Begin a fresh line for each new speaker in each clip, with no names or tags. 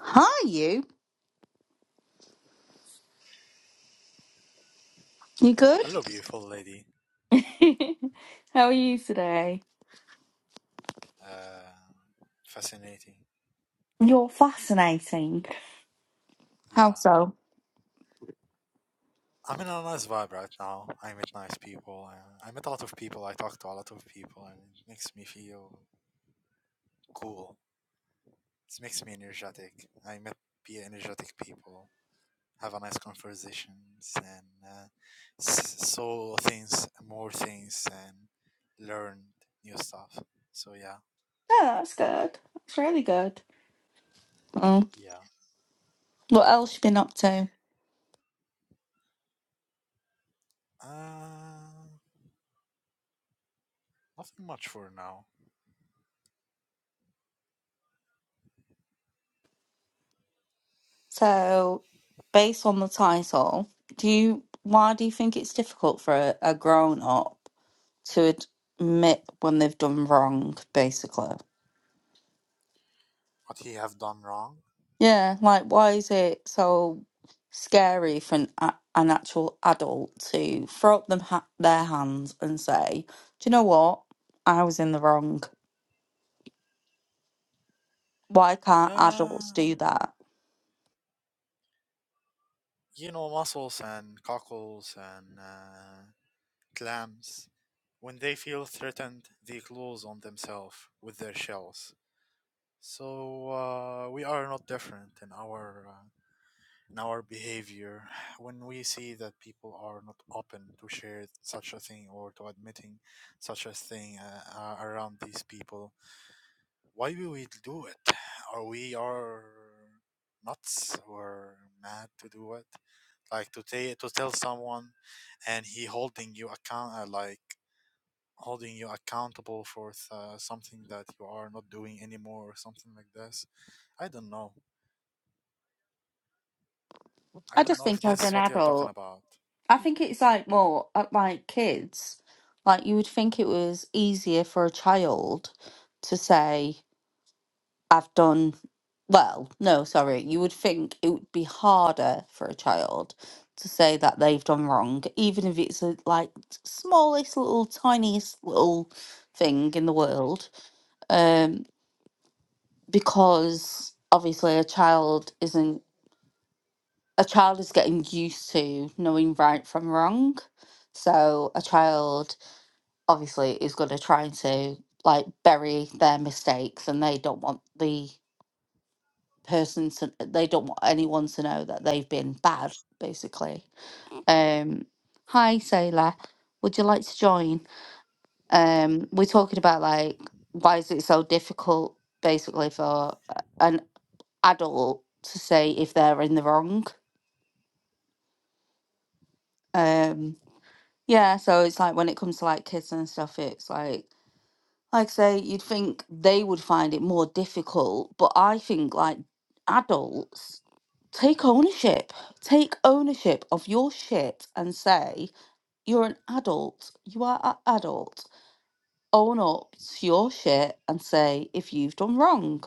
Hi, you. You good?
Hello, beautiful lady.
How are you today?
Uh, fascinating.
You're fascinating. How
Yeah.
so?
I'm in a nice vibe right now. I meet nice people. Uh, I meet a lot of people. I talk to a lot of people, and it makes me feel cool. It makes me energetic. I met be energetic people, have a nice conversations, and uh, s- saw things, more things, and learned new stuff. So yeah,
No, that's good. That's really good. Mm.
yeah.
What else you been up to?
Uh, nothing much for now.
So, based on the title, do you why do you think it's difficult for a, a grown up to admit when they've done wrong, basically?
What he have done wrong?
Yeah, like why is it so scary for an, a, an actual adult to throw up them ha their hands and say, "Do you know what? I was in the wrong. Why can't
Uh,
adults do that?"
you know, mussels and cockles and uh, clams, when they feel threatened, they close on themselves with their shells. So uh, we are not different in our uh, in our behavior when we see that people are not open to share such a thing or to admitting such a thing uh, uh, around these people. Why do we do it? Are we are nuts or mad to do it? like to say to tell someone and he holding you account uh, like holding you accountable for th- uh, something that you are not doing anymore or something like this i don't know i
I
don't
just
know if
think
this
as
is
an
what you're talking
adult,
about
I think it's like more uh, like kids. Like you would think it was easier for a child to say. I've done well, no, sorry. You would think it would be harder for a child to say that they've done wrong, even if it's a like smallest little tiniest little thing in the world. Um, because obviously a child isn't a child is getting used to knowing right from wrong. So a child obviously is gonna try to like bury their mistakes and they don't want the person to, they don't want anyone to know that they've been bad basically um hi sailor would you like to join um we're talking about like why is it so difficult basically for a- an adult to say if they're in the wrong um yeah so it's like when it comes to like kids and stuff it's like like say you'd think they would find it more difficult but i think like adults take ownership take ownership of your shit and say you're an adult you are an adult own up to your shit and say if you've done wrong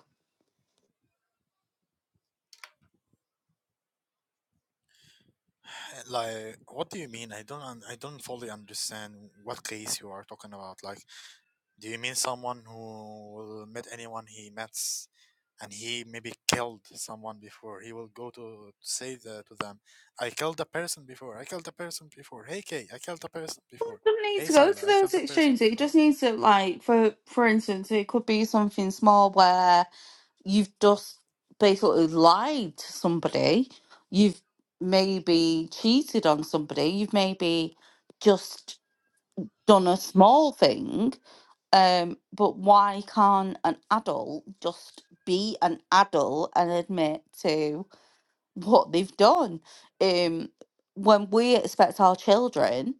like what do you mean i don't un- i don't fully understand what case you are talking about like Do you mean someone who met anyone he met and he maybe killed someone before? He will go to, to say the, to them, I killed a person before, I killed a person before. Hey Kay, I killed a person
It
before.
doesn't need
Hey
to go to
Sila, I
those
killed a person
extremes. It just
before.
needs to like for for instance, it could be something small where. you've just basically lied to somebody. You've maybe cheated on somebody. You've maybe just done a small thing. Um, but why can't an adult just be an adult and admit to what they've done? Um, when we expect our children,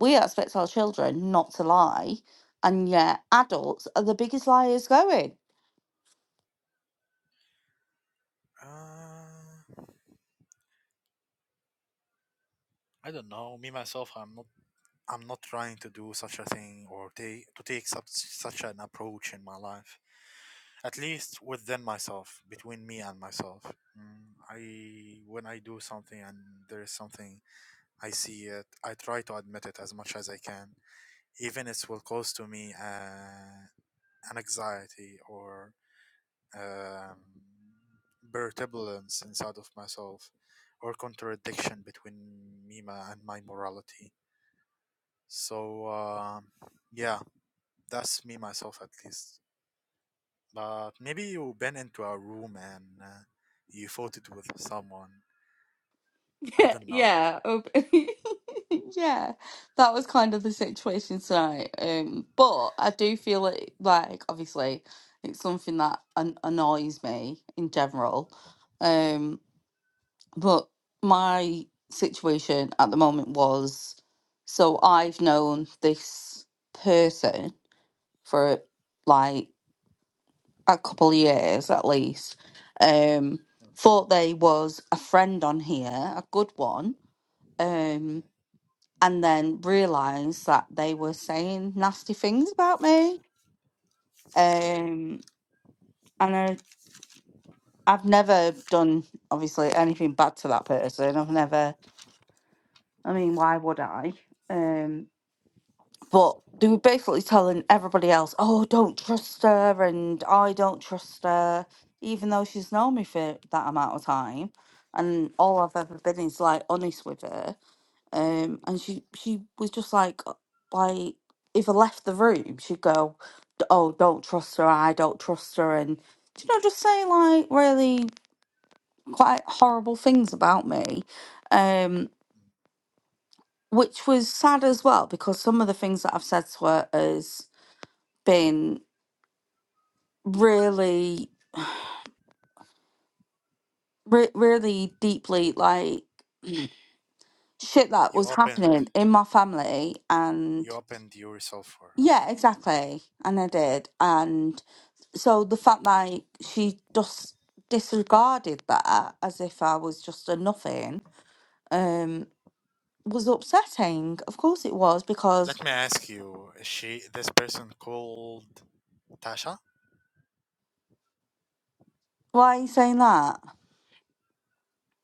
we expect our children not to lie, and yet adults are the biggest liars going.
Uh, I don't know. Me myself, I'm not. I'm not trying to do such a thing or take to take such such an approach in my life. At least within myself, between me and myself. Mm, I when I do something and there is something I see it. I try to admit it as much as I can, even it will cause to me uh, an anxiety or um, turbulence inside of myself, or contradiction between me ma- and my morality. So um, yeah, that's me myself at least. But maybe you've been into a room and uh, you fought it with someone. I
Yeah,
don't know.
yeah. um, Yeah, that was kind of the situation tonight. Um, but I do feel it like obviously it's something that an- annoys me in general. Um, but my situation at the moment was so I've known this person for like a couple of years at least. Um,
Mm,
thought they was a friend on here, a good one. um, and then realized that they were saying nasty things about me.
mm, Okay.
Um, and I, I've never done obviously anything bad to that person. I've never. I
mm,
mean, why would I? Um, but they were basically telling everybody else, "Oh, don't trust her," and "I don't trust her," even though she's known me for that amount of time. And all I've ever been is like honest with her. Um, and she she was just like, like if I left the room, she'd go, oh, don't trust her, I don't trust her, and do you know, just say like really quite horrible things about me, um,
mm.
which was sad as well because some of the things that I've said to her has been really, re- really deeply like shit that
You
was
opened.
happening in my family,
You
and
opened yourself for her.
yeah, exactly, and I did, and so the fact that she just disregarded that as if I was just a nothing. Um, was upsetting. Of course it was, because
Let me ask you, is she this person called Tasha?
why are you saying that?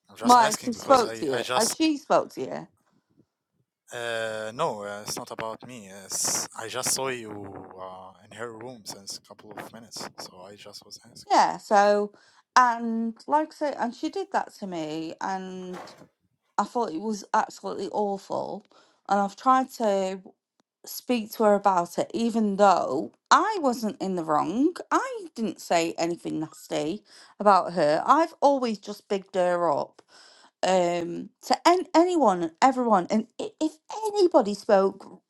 I'm just
Why
asking
she
because
spoke
I,
to
I
you? As
just
she spoke to you?
uh no, uh, it's not about me. It's, I just saw you uh, in her room since a couple of minutes, so I just was asking.
Yeah. So, and like I say, and she did that to me, and I thought it was absolutely awful. And I've tried to speak to her about it, even though I wasn't in the wrong. I didn't say anything nasty about her. I've always just bigged her up. um to an anyone everyone and i- if anybody spoke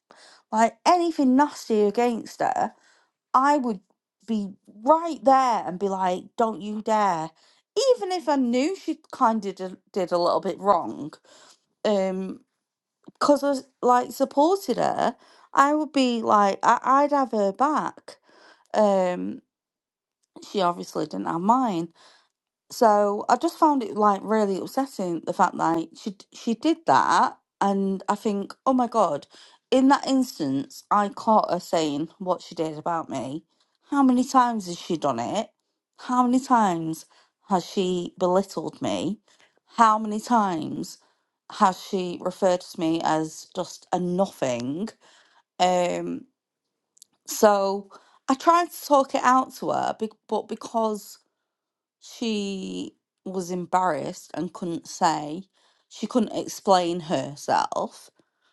like anything nasty against her i would be right there and be like don't you dare even if i knew she kind of did, did a little bit wrong um because i s- like supported her i would be like I, i'd have her back um she obviously didn't have mine So I just found it like really upsetting the fact that she d- she did that, and I think, oh my God, in that instance, I caught her saying what she did about me. How many times has she done it? How many times has she belittled me? How many times has she referred to me as just a nothing? Um, so I tried to talk it out to her, be- but because she was embarrassed and couldn't say, she couldn't explain herself.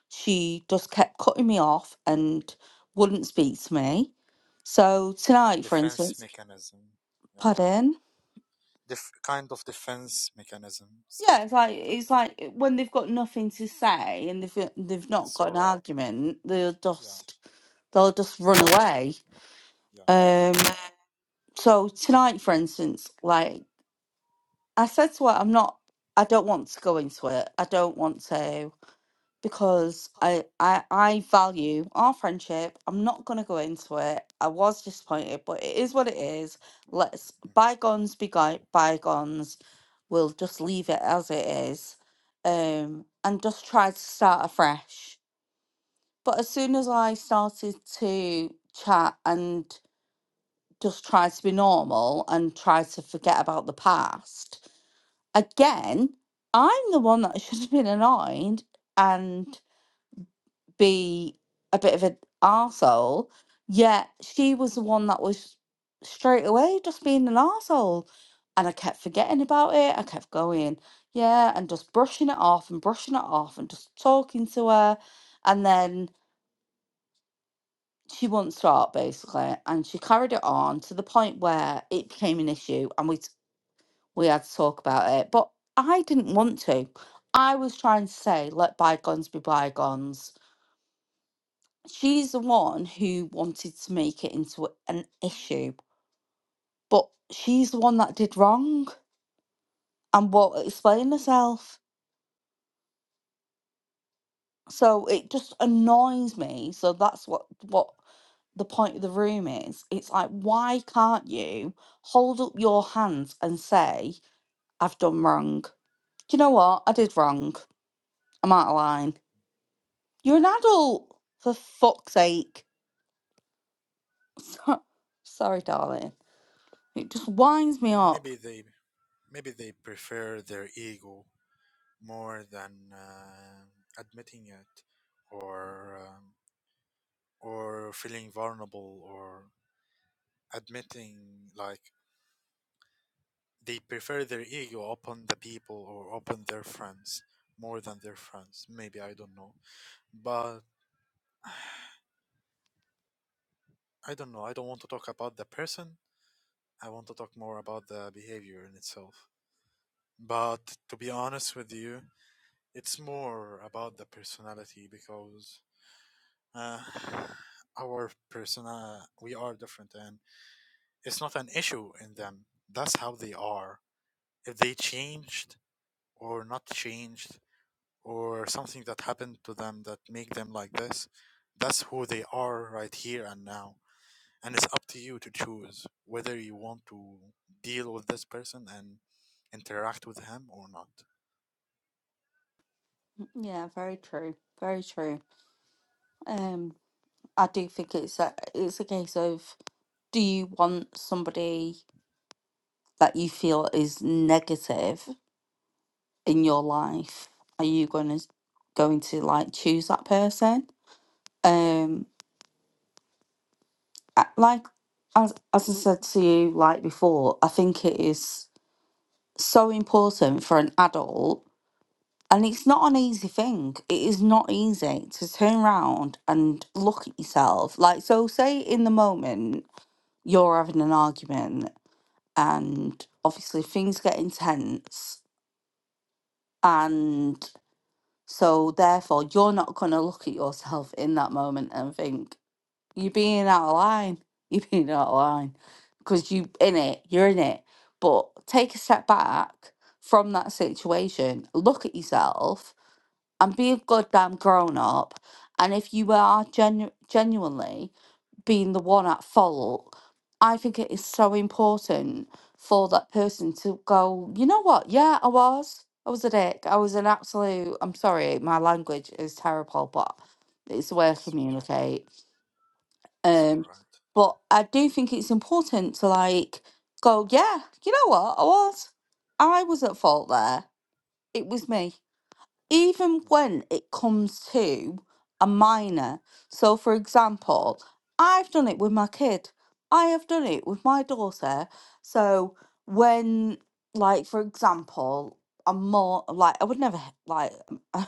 She just kept cutting me off and wouldn't speak to me. So tonight, for
Defense
instance,
mechanism, yeah,
pardon?
Def- kind of defense mechanisms a
Yeah, it's
little
like
bit.
it's like eh, when they've got nothing to say and they've they've not
It's
got an
alright.
argument, they'll
Yeah,
just they'll just run away.
yeah.
Um, so tonight, for instance, like I said to her, I'm not. I don't want to go into it. I don't want to. because I I I value our friendship. I'm not gonna go into it. I was disappointed, but it is what it is. Let's bygones be gui- bygones. We'll just leave it as it is, um, and just try to start afresh. But as soon as I started to chat and just try to be normal and try to forget about the past, again, I'm the one that should have been annoyed, and be a bit of an arsehole, yet she was the one that was straight away just being an arsehole. And I kept forgetting about it. I kept going, yeah, and just brushing it off and brushing it off and just talking to her. And then she wouldn't stop basically. And she carried it on to the point where it became an issue and we, t- we had to talk about it. But I didn't want to. I was trying to say, let bygones be bygones she's the one who wanted to make it into an issue, but she's the one that did wrong and won't explain herself. So it just annoys me. So that's what what the point of the room is. It's like, why can't you hold up your hands and say, I've done wrong? Do you know what? I did wrong. I'm out of line. You're an adult, for fuck's sake. So- Sorry, darling. It just winds me
Mm.
up.
Maybe they maybe they prefer their ego more than uh, admitting it or um, or feeling vulnerable or admitting like they prefer their ego upon the people or upon their friends more than their friends maybe i don't know but i don't know i don't want to talk about the person i want to talk more about the behavior in itself but to be honest with you it's more about the personality because uh, our persona we are different and it's not an issue in them that's how they are if they changed or not changed or something that happened to them that make them like this that's who they are right here and now and it's up to you to choose whether you want to deal with this person and interact with him or not
Yeah, very true. Very true. Um, I do think it's a it's a case of do you want somebody that you feel is negative in your life? Are you going to going to like choose that person? Um, I- like as as I said to you like before, I think it is so important for an adult, and it's not an easy thing. It is not easy to turn around and look at yourself. Like so, say in the moment. you're having an argument and obviously things get intense and so therefore you're not going to look at yourself in that moment and think you're being out of line you're being out of line because you in it you're in it but take a step back from that situation look at yourself and be a goddamn grown up and if you are genu- genuinely being the one at fault, I think it is so important for that person to go, you know what? Yeah, I was. I was a dick. I was an absolute, I'm sorry, my language is terrible, but it's the way I
it's all right
communicate.
it's all
Um,
right
but I do think it's important to like go, yeah, you know what? I was. I was at fault there. It was me even
Mm,
when it comes to a minor. So, for example, I've done it with my kid, I have done it with my daughter. So, when, like, for example, I'm more like, I would never, h- like,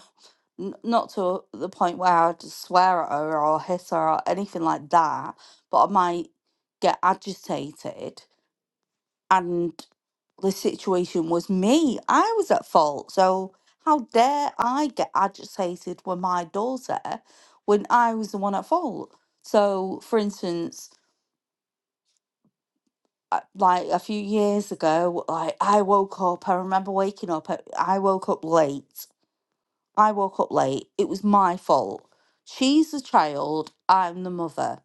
n- not to the point where I'd swear at her or hit her or anything like that, but I might get agitated and the situation was me. I was at fault. So how dare I get agitated with my daughter when I was the one at fault? So, for instance, uh, like a few years ago, like I woke up. I remember waking up. at- I woke up late. I woke up late. It was my fault. She's the child. I'm the mother.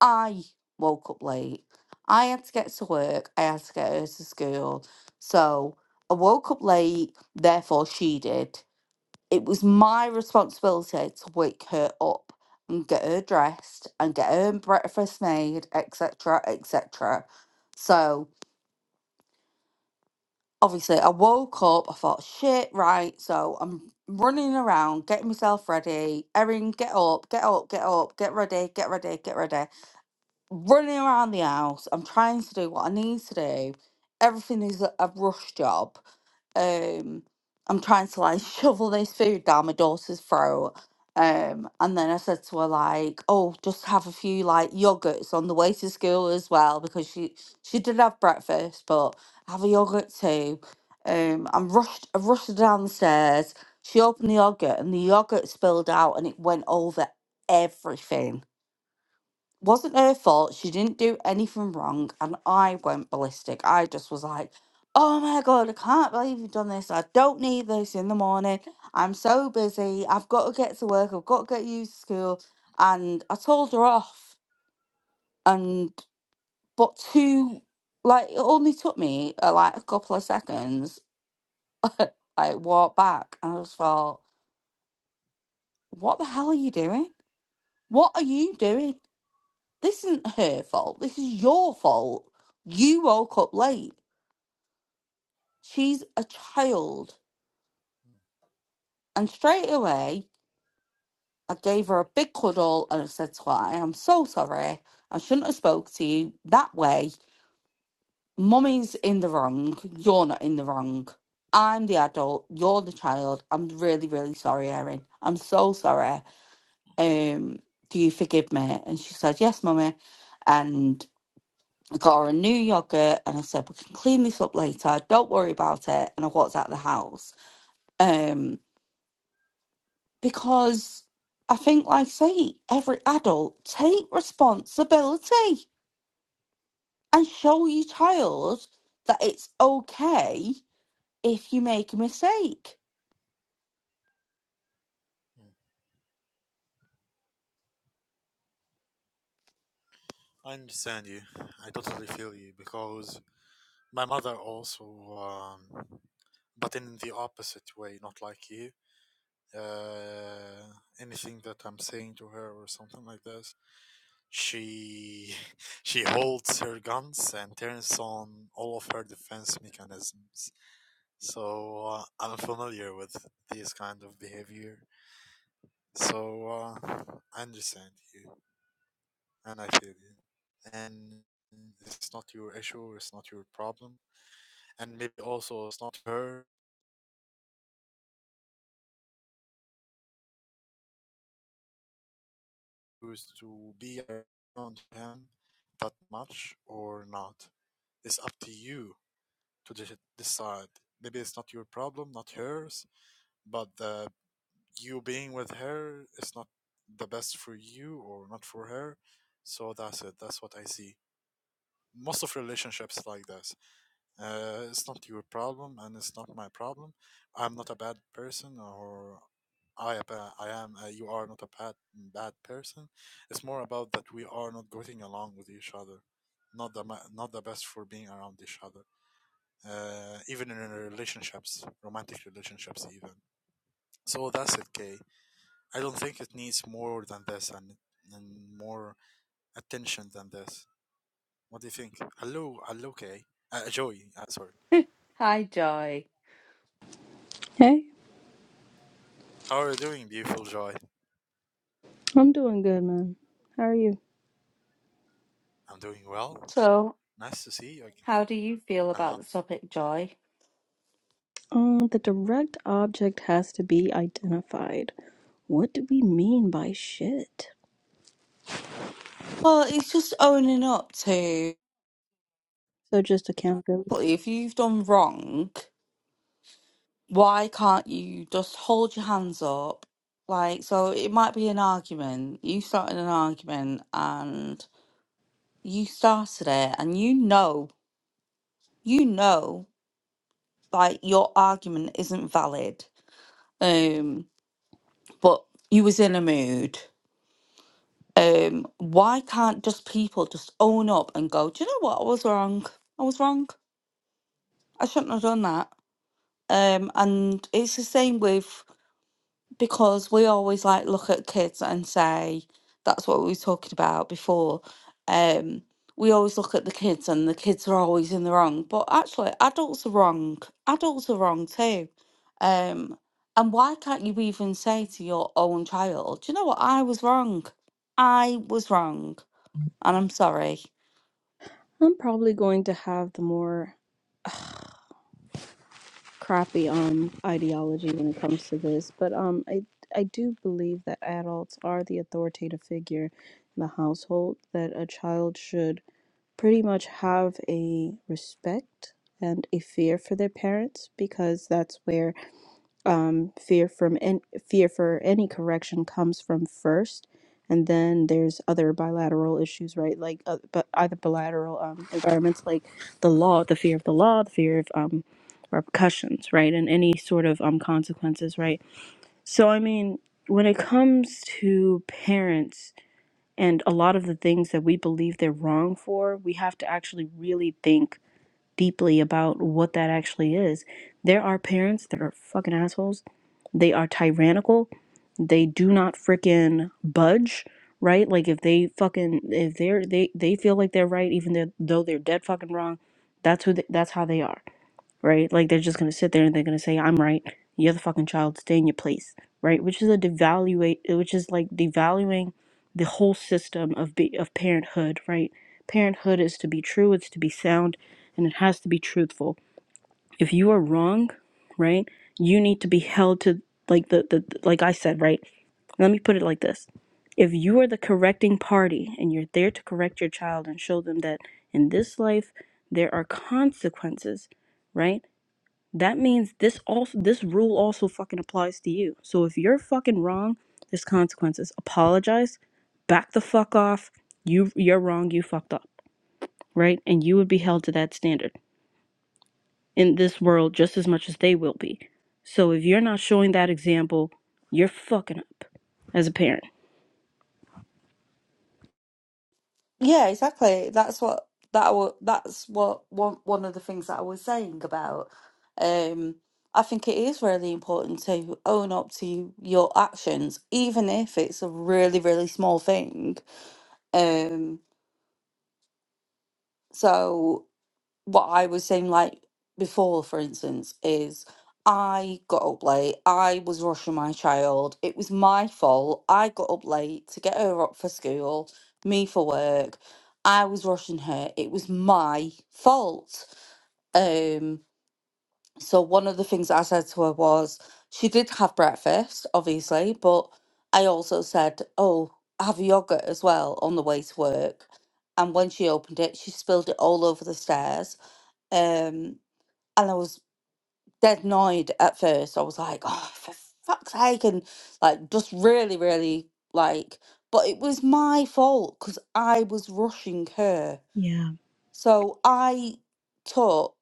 I woke up late. I had to get to work. I had to get her to school. So I woke up late, therefore she did. It was my responsibility to wake her up and get her dressed and get her breakfast made, etc. etc. So obviously I woke up, I thought, shit, right, so I'm running around, getting myself ready. Erin, get up, get up, get up, get ready, get ready, get ready. running around the house. I'm trying to do what I need to do. Everything is a, a rush job. Um, I'm trying to like shovel this food down my daughter's throat. Um, and then I said to her like, "Oh, just have a few like yogurts on the way to school as well because she she did have breakfast, but have a yogurt too." Um, I'm rushed. I rushed her down the stairs. She opened the yogurt and the yogurt spilled out and it went over everything wasn't her fault. She didn't do anything wrong, and I went ballistic. I just was like, "Oh my god, I can't believe you've done this. I don't need this in the morning. I'm so busy. I've got to get to work. I've got to get you to school." And I told her off. And but
mm,
two, like it only took me uh, like a couple of seconds. I walked back, and I was thought, "What the hell are you doing? What are you doing?" This isn't her fault. This is your fault. You woke up late. She's a child. And straight away, I gave her a big cuddle and I said to her, I am so sorry. I shouldn't have spoke to you that way. Mummy's in the wrong. You're not in the wrong. I'm the adult. You're the child. I'm really, really sorry, Erin. I'm so sorry. Um, do you forgive me? And she said, Yes, mummy. And I got her a new yogurt and I said, We can clean this up later. Don't worry about it. And I walked out of the house. Um, because I think, like I say, every adult take responsibility and show your child that it's okay if you make a mistake.
mm. i understand you i totally feel you because My mother also, um, but in the opposite way, not like you. Uh, anything that I'm saying to her or something like this, she she holds her guns and turns on all of her defense mechanisms. So uh, I'm familiar with this kind of behavior. So uh, I understand you and I feel you. And it's not your issue, it's not your problem, and maybe also it's not her choose to be around him that much or not. It's up to you to de- decide. Maybe it's not your problem, not hers, but uh, you being with her is not the best for you or not for her. So that's it. That's what I see. Most of relationships like this. Uh, it's not your problem, and it's not my problem. I'm not a bad person, or I, ab- uh, am. Uh, you are not a bad bad person. It's more about that we are not getting along with each other, not the ma- not the best for being around each other. Uh, even in relationships, romantic relationships, even. So that's it, Kay. I don't think it needs more than this and, and more attention than this. What do you think? Hello, hello, Kay. Uh, Joy, uh, sorry.
Hi, Joy.
Hey,
How are you doing, beautiful Joy?
I'm doing good, man. How are you?
I'm doing well.
So,
Nice to see you again.
how do you feel
Uh
about
huh.
the topic, Joy?
Um, the direct object has to be identified. What do we mean by shit?
Well, it's just owning up to
So just accountability.
if you've done wrong why can't you just hold your hands up? Like, so it might be an argument. You started an argument and you started it, and you know, you know, like your argument isn't valid. Um, but you was in a mood. Um, why can't just people just own up and go, Do you know what? I was wrong. I was wrong. I shouldn't have done that. Um, and it's the same with because we always like look at kids and say that's what we were talking about before um we always look at the kids and the kids are always in the wrong but actually adults are wrong adults are wrong too um and why can't you even say to your own child do you know what i was wrong i was wrong and i'm sorry
I'm probably going to have the more crappy um ideology when it comes to this, but um I I do believe that adults are the authoritative figure in the household that a child should pretty much have a respect and a fear for their parents because that's where um, fear from an fear for any correction comes from first, and then there's other bilateral issues, right? Like, uh, but either bilateral um, environments, like the law, the fear of the law, the fear of um, repercussions, right, and any sort of um, consequences, right. So, I mean, when it comes to parents and a lot of the things that we believe they're wrong for, we have to actually really think deeply about what that actually is. There are parents that are fucking assholes. They are tyrannical. They do not freaking budge, right? Like if they fucking if they're they they feel like they're right even though they're dead fucking wrong, that's who they, that's how they are right? Like they're just gonna sit there and they're gonna say, "I'm right. You're the fucking child. Stay in your place," right? Which is a devaluate, which is like devaluing the whole system of be, of parenthood, right? Parenthood is to be true. It's to be sound, and it has to be truthful. If you are wrong, right, you need to be held to like the the like I said, right? Let me put it like this. If you are the correcting party and you're there to correct your child and show them that in this life there are consequences, right? that means this also this rule also fucking applies to you. So if you're fucking wrong, there's consequences. Apologize, back the fuck off. You you're wrong, you fucked up, right? And you would be held to that standard in this world just as much as they will be. So if you're not showing that example, you're fucking up as a parent.
Yeah, exactly. That's what that wa- that's what one one of the things that I was saying about. Um, I think it is really important to own up to your actions, even if it's a really, really small thing. Um, so what I was saying like before, for instance, is I got up late. I was rushing my child. It was my fault. I got up late to get her up for school, me for work. I was rushing her. It was my fault. Um, so one of the things I said to her was she did have breakfast, obviously, but I also said, Oh, have yogurt as well on the way to work. And when she opened it, she spilled it all over the stairs. Um, and I was dead annoyed at first. I was like, oh, for fuck's sake, and like just really, really like. But it was my fault because I was rushing her.
Yeah,
So I took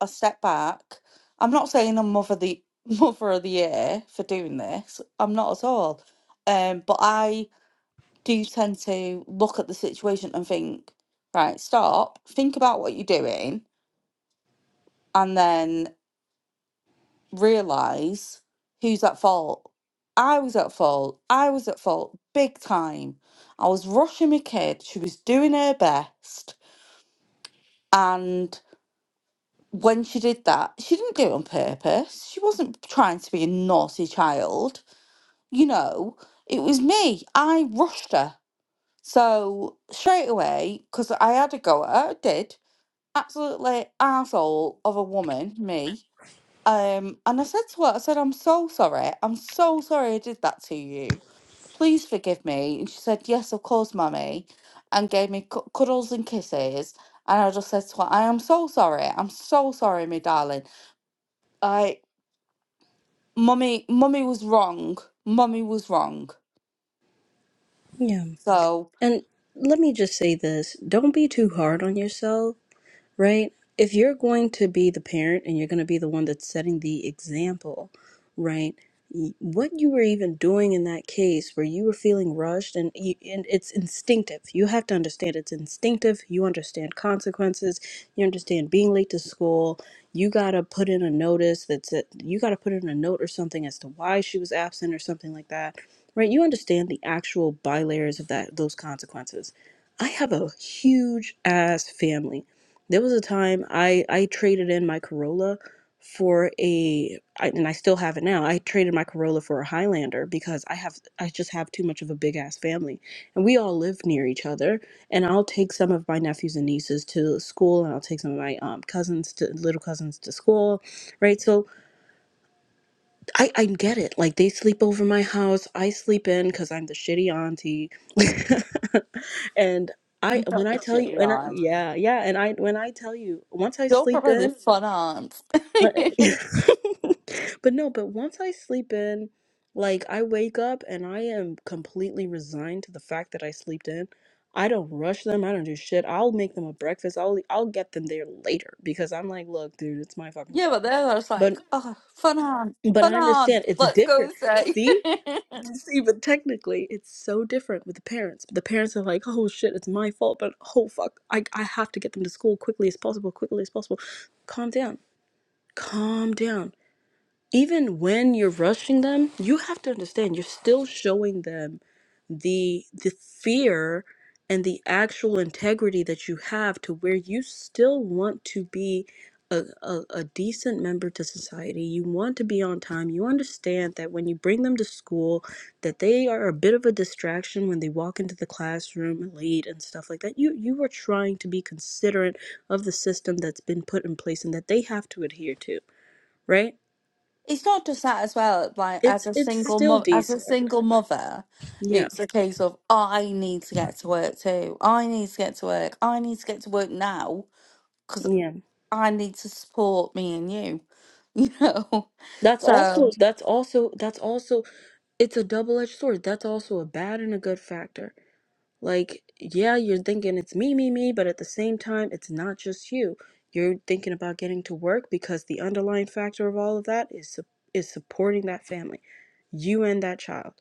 a step back. I'm not saying I'm mother the mother of the year for doing this. I'm not at all. Um, but I do tend to look at the situation and think, right, stop, think about what you're doing, and then realize who's at fault. I was at fault. I was at fault big time. I was rushing my kid. She was doing her best. And when she did that, she didn't do it on purpose. She wasn't trying to be a naughty child. You know, it was me. I rushed her. So straight away, because I had a go at her, I did. Absolutely arsehole of a woman, me Um, and I said to her, I said, I'm so sorry. I'm so sorry I did that to you. Please forgive me. And she said, Yes, of course, mummy, and gave me cu- cuddles and kisses. And I just said to her, I am so sorry. I'm so sorry, my darling. I, mummy, mummy was wrong. Mummy was wrong.
yeah.
So
And let me just say this don't be too hard on yourself right? If you're going to be the parent and you're going to be the one that's setting the example, right? y- What you were even doing in that case where you were feeling rushed and, you, and it's instinctive. You have to understand it's instinctive. You understand consequences. You understand being late to school. You got to put in a notice that's it. You got to put in a note or something as to why she was absent or something like that, right? You understand the actual bilayers of that, those consequences. I have a huge ass family there was a time I I traded in my Corolla for a I, and I still have it now. I traded my Corolla for a Highlander because I have I just have too much of a big ass family. And we all live near each other, and I'll take some of my nephews and nieces to school and I'll take some of my um cousins to little cousins to school, right? So I, I get it. Like they sleep over my house. I sleep in because I'm the shitty auntie. and I
you got
when I
the
tell you
shitty
and I
arms.
yeah, yeah, and I when I tell you once I
You're
sleep
probably the
in
fun aunt.
but no, but once I sleep in, like I wake up and I am completely resigned to the fact that I slept in. I don't rush them. I don't do shit. I'll make them a breakfast. I'll I'll get them there later because I'm like, look, dude, it's my fucking
yeah, but
fault.
then I was like,
But
oh, fun aunt,
but I
fun aunt.
understand it's
Let's go
different.
say.
See? See, but technically it's so different with the parents. The parents are like, oh shit, it's my fault, but oh fuck, I, I have to get them to school quickly as possible, quickly as possible. Calm down. Calm down even when you're rushing them, you have to understand you're still showing them the the fear and the actual integrity that you have to where you still want to be a, a, a decent member to society you want to be on time you understand that when you bring them to school that they are a bit of a distraction when they walk into the classroom late and stuff like that you you are trying to be considerate of the system that's been put in place and that they have to adhere to right
It's not just that as well, like
it's
as a
it's
single
still
mother, as a
decent.
single mother,
Yeah.
it's a case of I need to get to work too. I need to get to work. I need to get to work now because
Yeah.
I need to support me and you. You know,
That's
so
also that's also that's also it's a double-edged sword. That's also a bad and a good factor. Like, yeah, you're thinking it's me, me, me, but at the same time, it's not just you. You're thinking about getting to work because the underlying factor of all of that is su- is supporting that family, you and that child.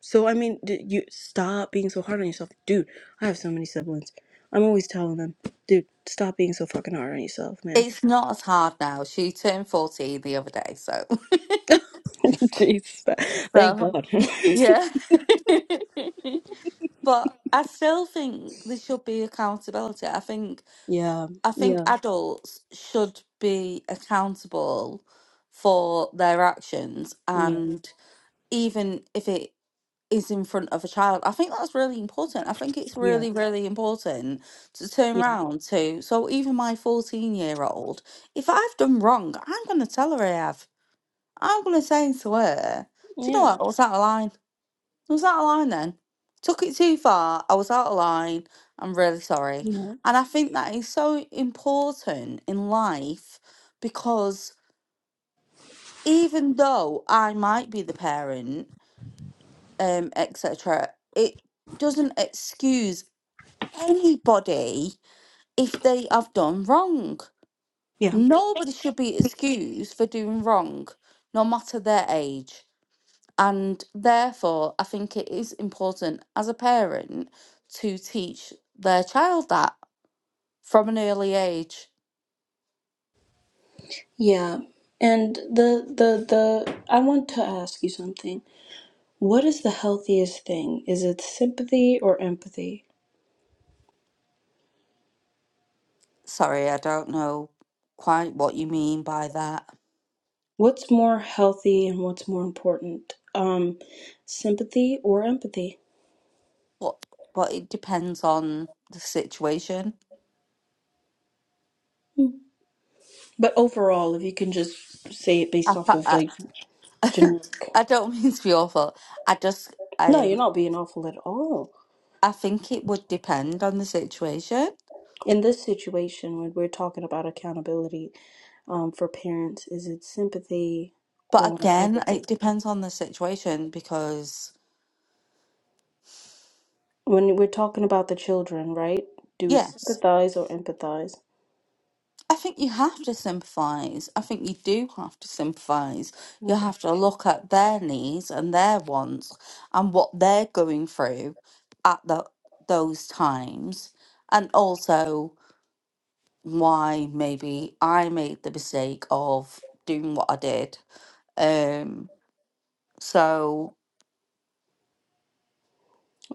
So I mean, d- you stop being so hard on yourself, dude. I have so many siblings. I'm always telling them, dude, stop being so fucking hard on yourself, man.
it's not as hard now. She turned 14 the other day, so
Jeez, but thank
so
God.
yeah. But I still think there should be accountability. I think
Yeah,
I think
yeah,
adults should be accountable for their actions,
yeah,
and even if it is in front of a child, I think that's really important. I think it's
yeah,
really, really important to turn
yeah,
round to. So, even my 14 year old, if I've done wrong, I'm going to tell her I have. I'm going to say to her, Do you know
yeah,
what? I was out of line I was out of line then. Took it too far. I was out of line. I'm really sorry.
yeah,
And I think that is so important in life because even though I might be the parent, um, etc., it doesn't excuse anybody if they have done wrong.
yeah,
Nobody should be excused for doing wrong, no matter their age. And therefore, I think it is important as a parent to teach their child that from an early age.
yeah. And the the the I want to ask you something. What is the healthiest thing? Is it sympathy or empathy?
Sorry, I don't know quite what you mean by that,
What's more healthy and what's more important? Um, sympathy or empathy?
but, but it depends on the situation.
But overall, if you can just say it based
I,
off of
I,
like
I
generic.
I don't mean to be awful. I just,
No, you're
um,
not being awful at all.
I think it would depend on the situation.
in this situation when we're talking about accountability um, for parents is it sympathy
But
or
again,
empathy
it depends on the situation because,
when we're talking about the children right do we
yes,
sympathize or empathize
I think you have to sympathise. I think you do have to sympathise. You
okay
have to look at their needs and their wants and what they're going through at the, those times, and also why maybe I made the mistake of doing what I did. Um. So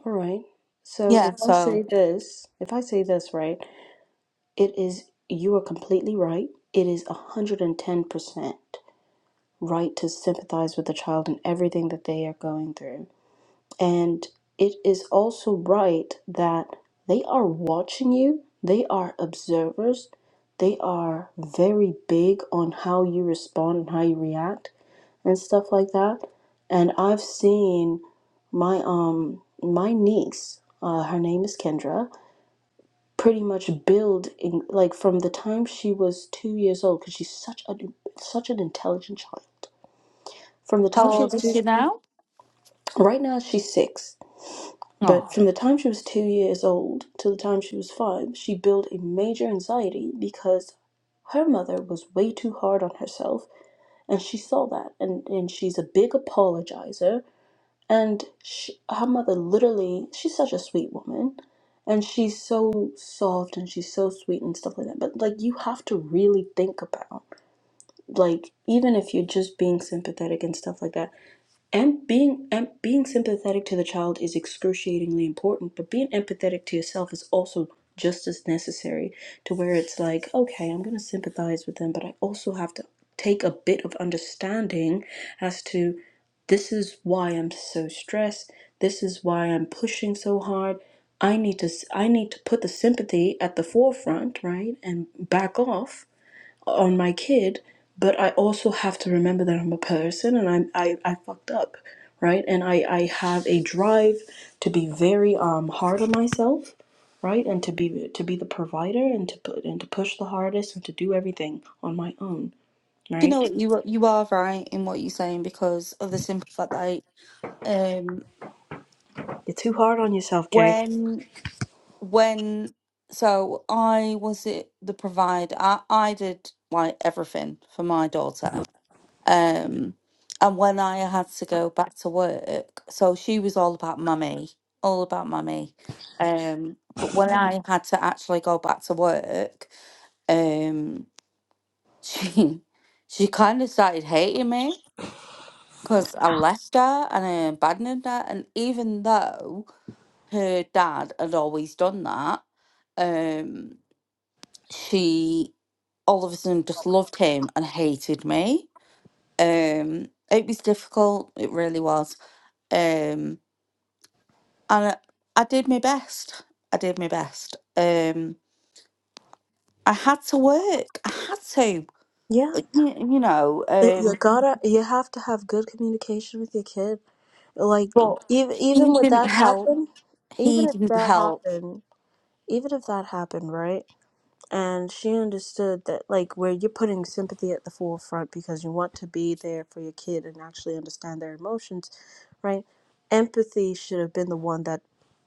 all right so
yeah.
if i
So
say this if i say this right it is you are completely right it is 110% right to sympathize with the child and everything that they are going through And it is also right that they are watching you, they are observers, they are very big on how you respond and how you react and stuff like that. And I've seen my um my niece, uh, her name is Kendra, pretty much build in like from the time she was two years old because she's such a such an intelligent child. From the
how
time she
old
was
is
two,
she now?
right now she's six
Oh,
But from the time she was two years old to the time she was five, she built a major anxiety because her mother was way too hard on herself, and she saw that, and, and she's a big apologizer. And she, her mother literally, she's such a sweet woman, and she's so soft and she's so sweet and stuff like that. But like, you have to really think about, like, even if you're just being sympathetic and stuff like that and being and being sympathetic to the child is excruciatingly important but being empathetic to yourself is also just as necessary to where it's like okay i'm going to sympathize with them but i also have to take a bit of understanding as to this is why i'm so stressed this is why i'm pushing so hard i need to I need to put the sympathy at the forefront right and back off on my kid, but I also have to remember that I'm a person and I'm I, I fucked up, right? And I, I have a drive to be very um hard on myself, right? And to be to be the provider and to put and to push the hardest and to do everything on my own,
you
right?
know what you are- you are right in what you're saying because of the simple fact that um
You're too hard on yourself, Kay.
when when so I was it the provider. I, I did like everything for my daughter. Um and when I had to go back to work, so she was all about mummy, all about mummy. Um but when Mm. I had to actually go back to work, um she she kind of started hating me because I left her and I abandoned her and even though her dad had always done that, um, she all of a sudden just loved him and hated me. Um, it was difficult. It really was. Um, and I, I did my best. I did my best. Um, I had to work. I had to.
Yeah.
uh, you know.
It- you
Um,
gotta you have to have good communication with your kid. Like
but
even
he
even with
didn't
that
help.
happen, even
He
if
didn't
that
help.
happened, even if that happened, right? and she understood that like where you're putting sympathy at the forefront because you want to be there for your kid and actually understand their emotions right empathy should have been the one that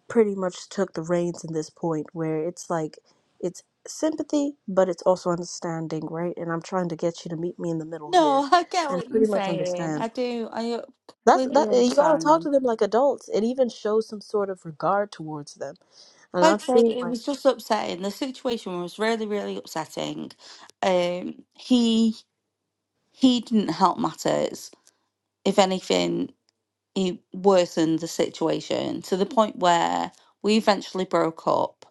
pretty much took the reins in this point where it's like it's sympathy but it's also understanding right and i'm trying to get you to meet me in the middle here
No, I get
and
what you're
pretty much
saying.
understand
I do. I
that's that
completely
you got to
understand.
talk to them like adults and even show some sort of regard towards them and
Like I
i've
said,
seen
it
like
was just upsetting. The situation was really, really upsetting. Um, he he didn't help matters. If anything, he worsened the situation to the point where we eventually broke up.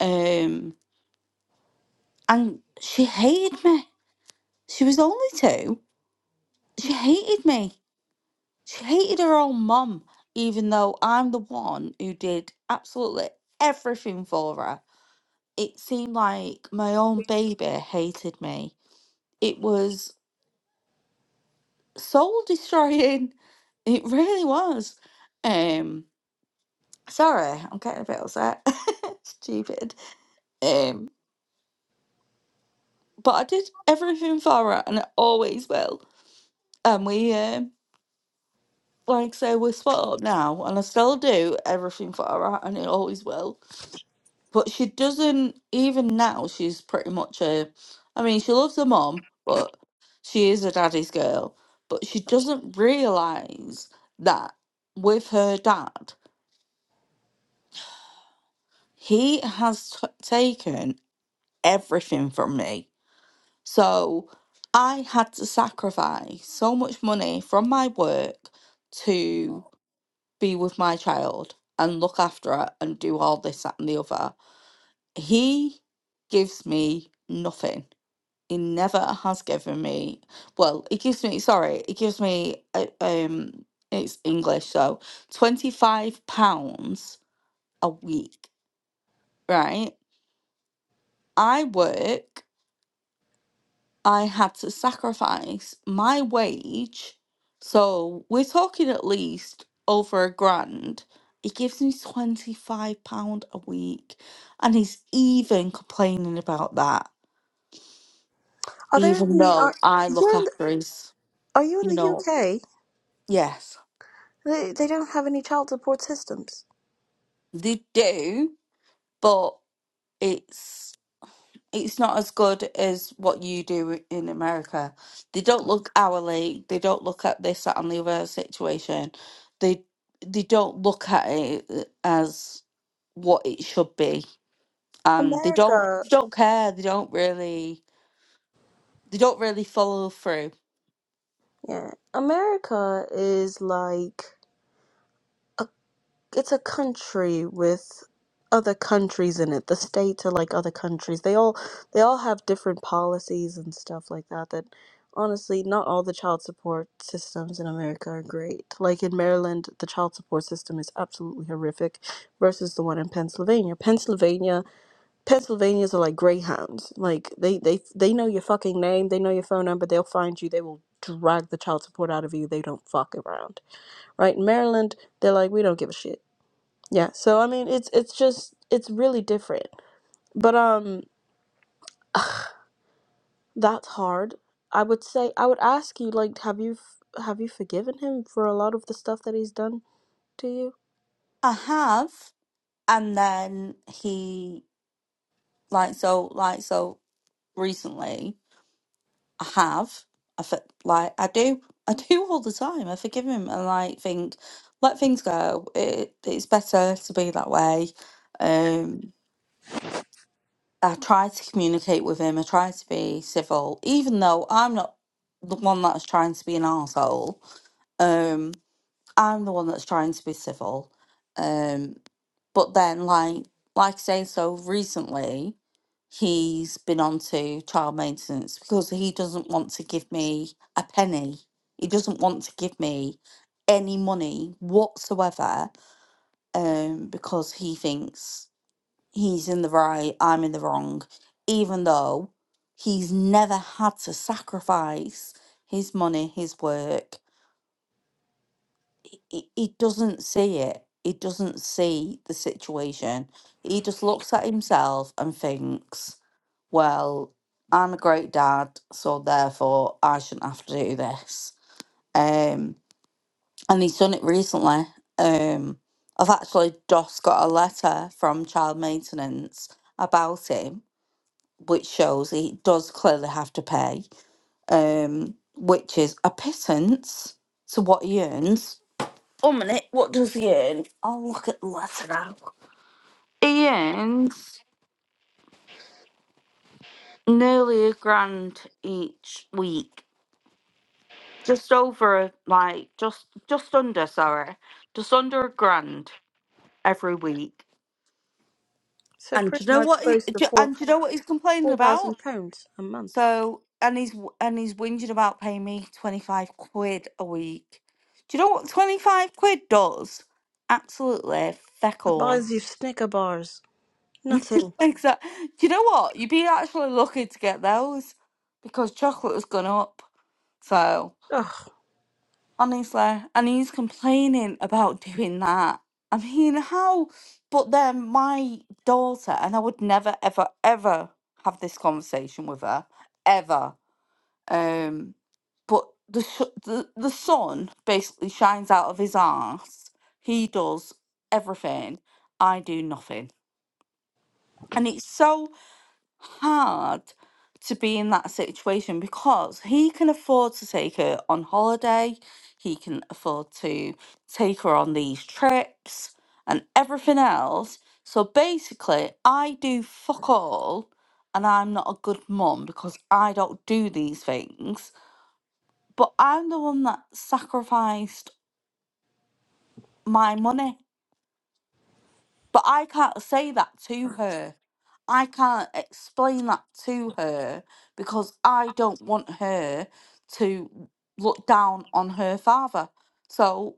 Um, and she hated me. She was only two. She hated me. She hated her own mum, even though I'm the one who did absolutely everything for her. It seemed like my own baby hated me it was soul destroying. It really was. Um, sorry, I'm getting a bit upset. Stupid. Um, but I did everything for her, and I always will. And we, um, like I say, we're split up now, and I still do everything for her, and it always will. but she doesn't even now she's pretty much a i mean she loves her mom but she is a daddy's girl but she doesn't realize that with her dad he has t- taken everything from me so i had to sacrifice so much money from my work to be with my child and look after her and do all this that and the other he gives me nothing it never has given me well it gives me sorry it gives me uh, um it's english so 25 pounds a week right i work i had to sacrifice my wage so we're talking at least over a grand He gives me 25 pound a week and he's even complaining about that
are there
even
any
though
are
i look
you're in
after his
Are you in
you
the
know
UK?
yes
They they don't have any child support systems.
They do, but it's it's not as good as what you do in America. They don't look hourly. They don't look at this, that, and the other situation. They they don't look at it as what it should be, and they don't
America,
they don't care. They don't really they don't really follow through.
yeah, America is like a, it's a country with other countries in it. The states are like other countries. They all they all have different policies and stuff like that. That honestly, not all the child support systems in America are great. Like in Maryland, the child support system is absolutely horrific versus the one in Pennsylvania. Pennsylvania Pennsylvanians are like greyhounds. Like they they they know your fucking name, they know your phone number, they'll find you, they will drag the child support out of you. They don't fuck around. Right? In Maryland, they're like we don't give a shit. Yeah. So I mean, it's it's just it's really different. But um that's hard. I would say I would ask you like have you f- have you forgiven him for a lot of the stuff that he's done to you?
I have, and then he like so like so recently. I have. I fe- like I do. I do all the time. I forgive him and like think, let things go. It it's better to be that way. Um, I try to communicate with him. I try to be civil, even though I'm not the one that's trying to be an arsehole. Um, I'm the one that's trying to be civil. Um, but then, like, like I say, so recently he's been on to child maintenance because he doesn't want to give me a penny. He doesn't want to give me any money whatsoever um, because he thinks he's in the right, I'm in the wrong, even though he's never had to sacrifice his money, his work he, he he doesn't see it. He doesn't see the situation. He just looks at himself and thinks, well, I'm a great dad, so therefore I shouldn't have to do this. Um, and he's done it recently. Um, I've actually just got a letter from child maintenance about him, which shows he does clearly have to pay, um, which is a pittance to what he earns one minute, what does he earn? I'll look at the letter now. He earns nearly a grand each week. Just over, like, just just under, sorry, just under a grand every week.
So
And do
pretty
you know
much
what? He,
close to
do-
four
and do you know what he's complaining
four
about?
thousand pounds a month.
So, and he's w- and he's whinging about paying me twenty five quid a week. Do you know what twenty five quid does? Absolutely feck all.
Buys you Snicker bars. Nothing.
Exactly. Do you know what? You'd be actually lucky to get those because chocolate has gone up. So,
Ugh.
honestly, and he's complaining about doing that. I mean, how? But then my daughter, and I would never, ever, ever have this conversation with her, ever. Um, but the, sh- the the sun basically shines out of his arse. He does everything. I do nothing, and it's so. hard to be in that situation because he can afford to take her on holiday, he can afford to take her on these trips and everything else. So basically, I do fuck all and I'm not a good mum because I don't do these things, but I'm the one that sacrificed my money But I can't say that to her. I can't explain that to her because I don't want her to look down on her father. So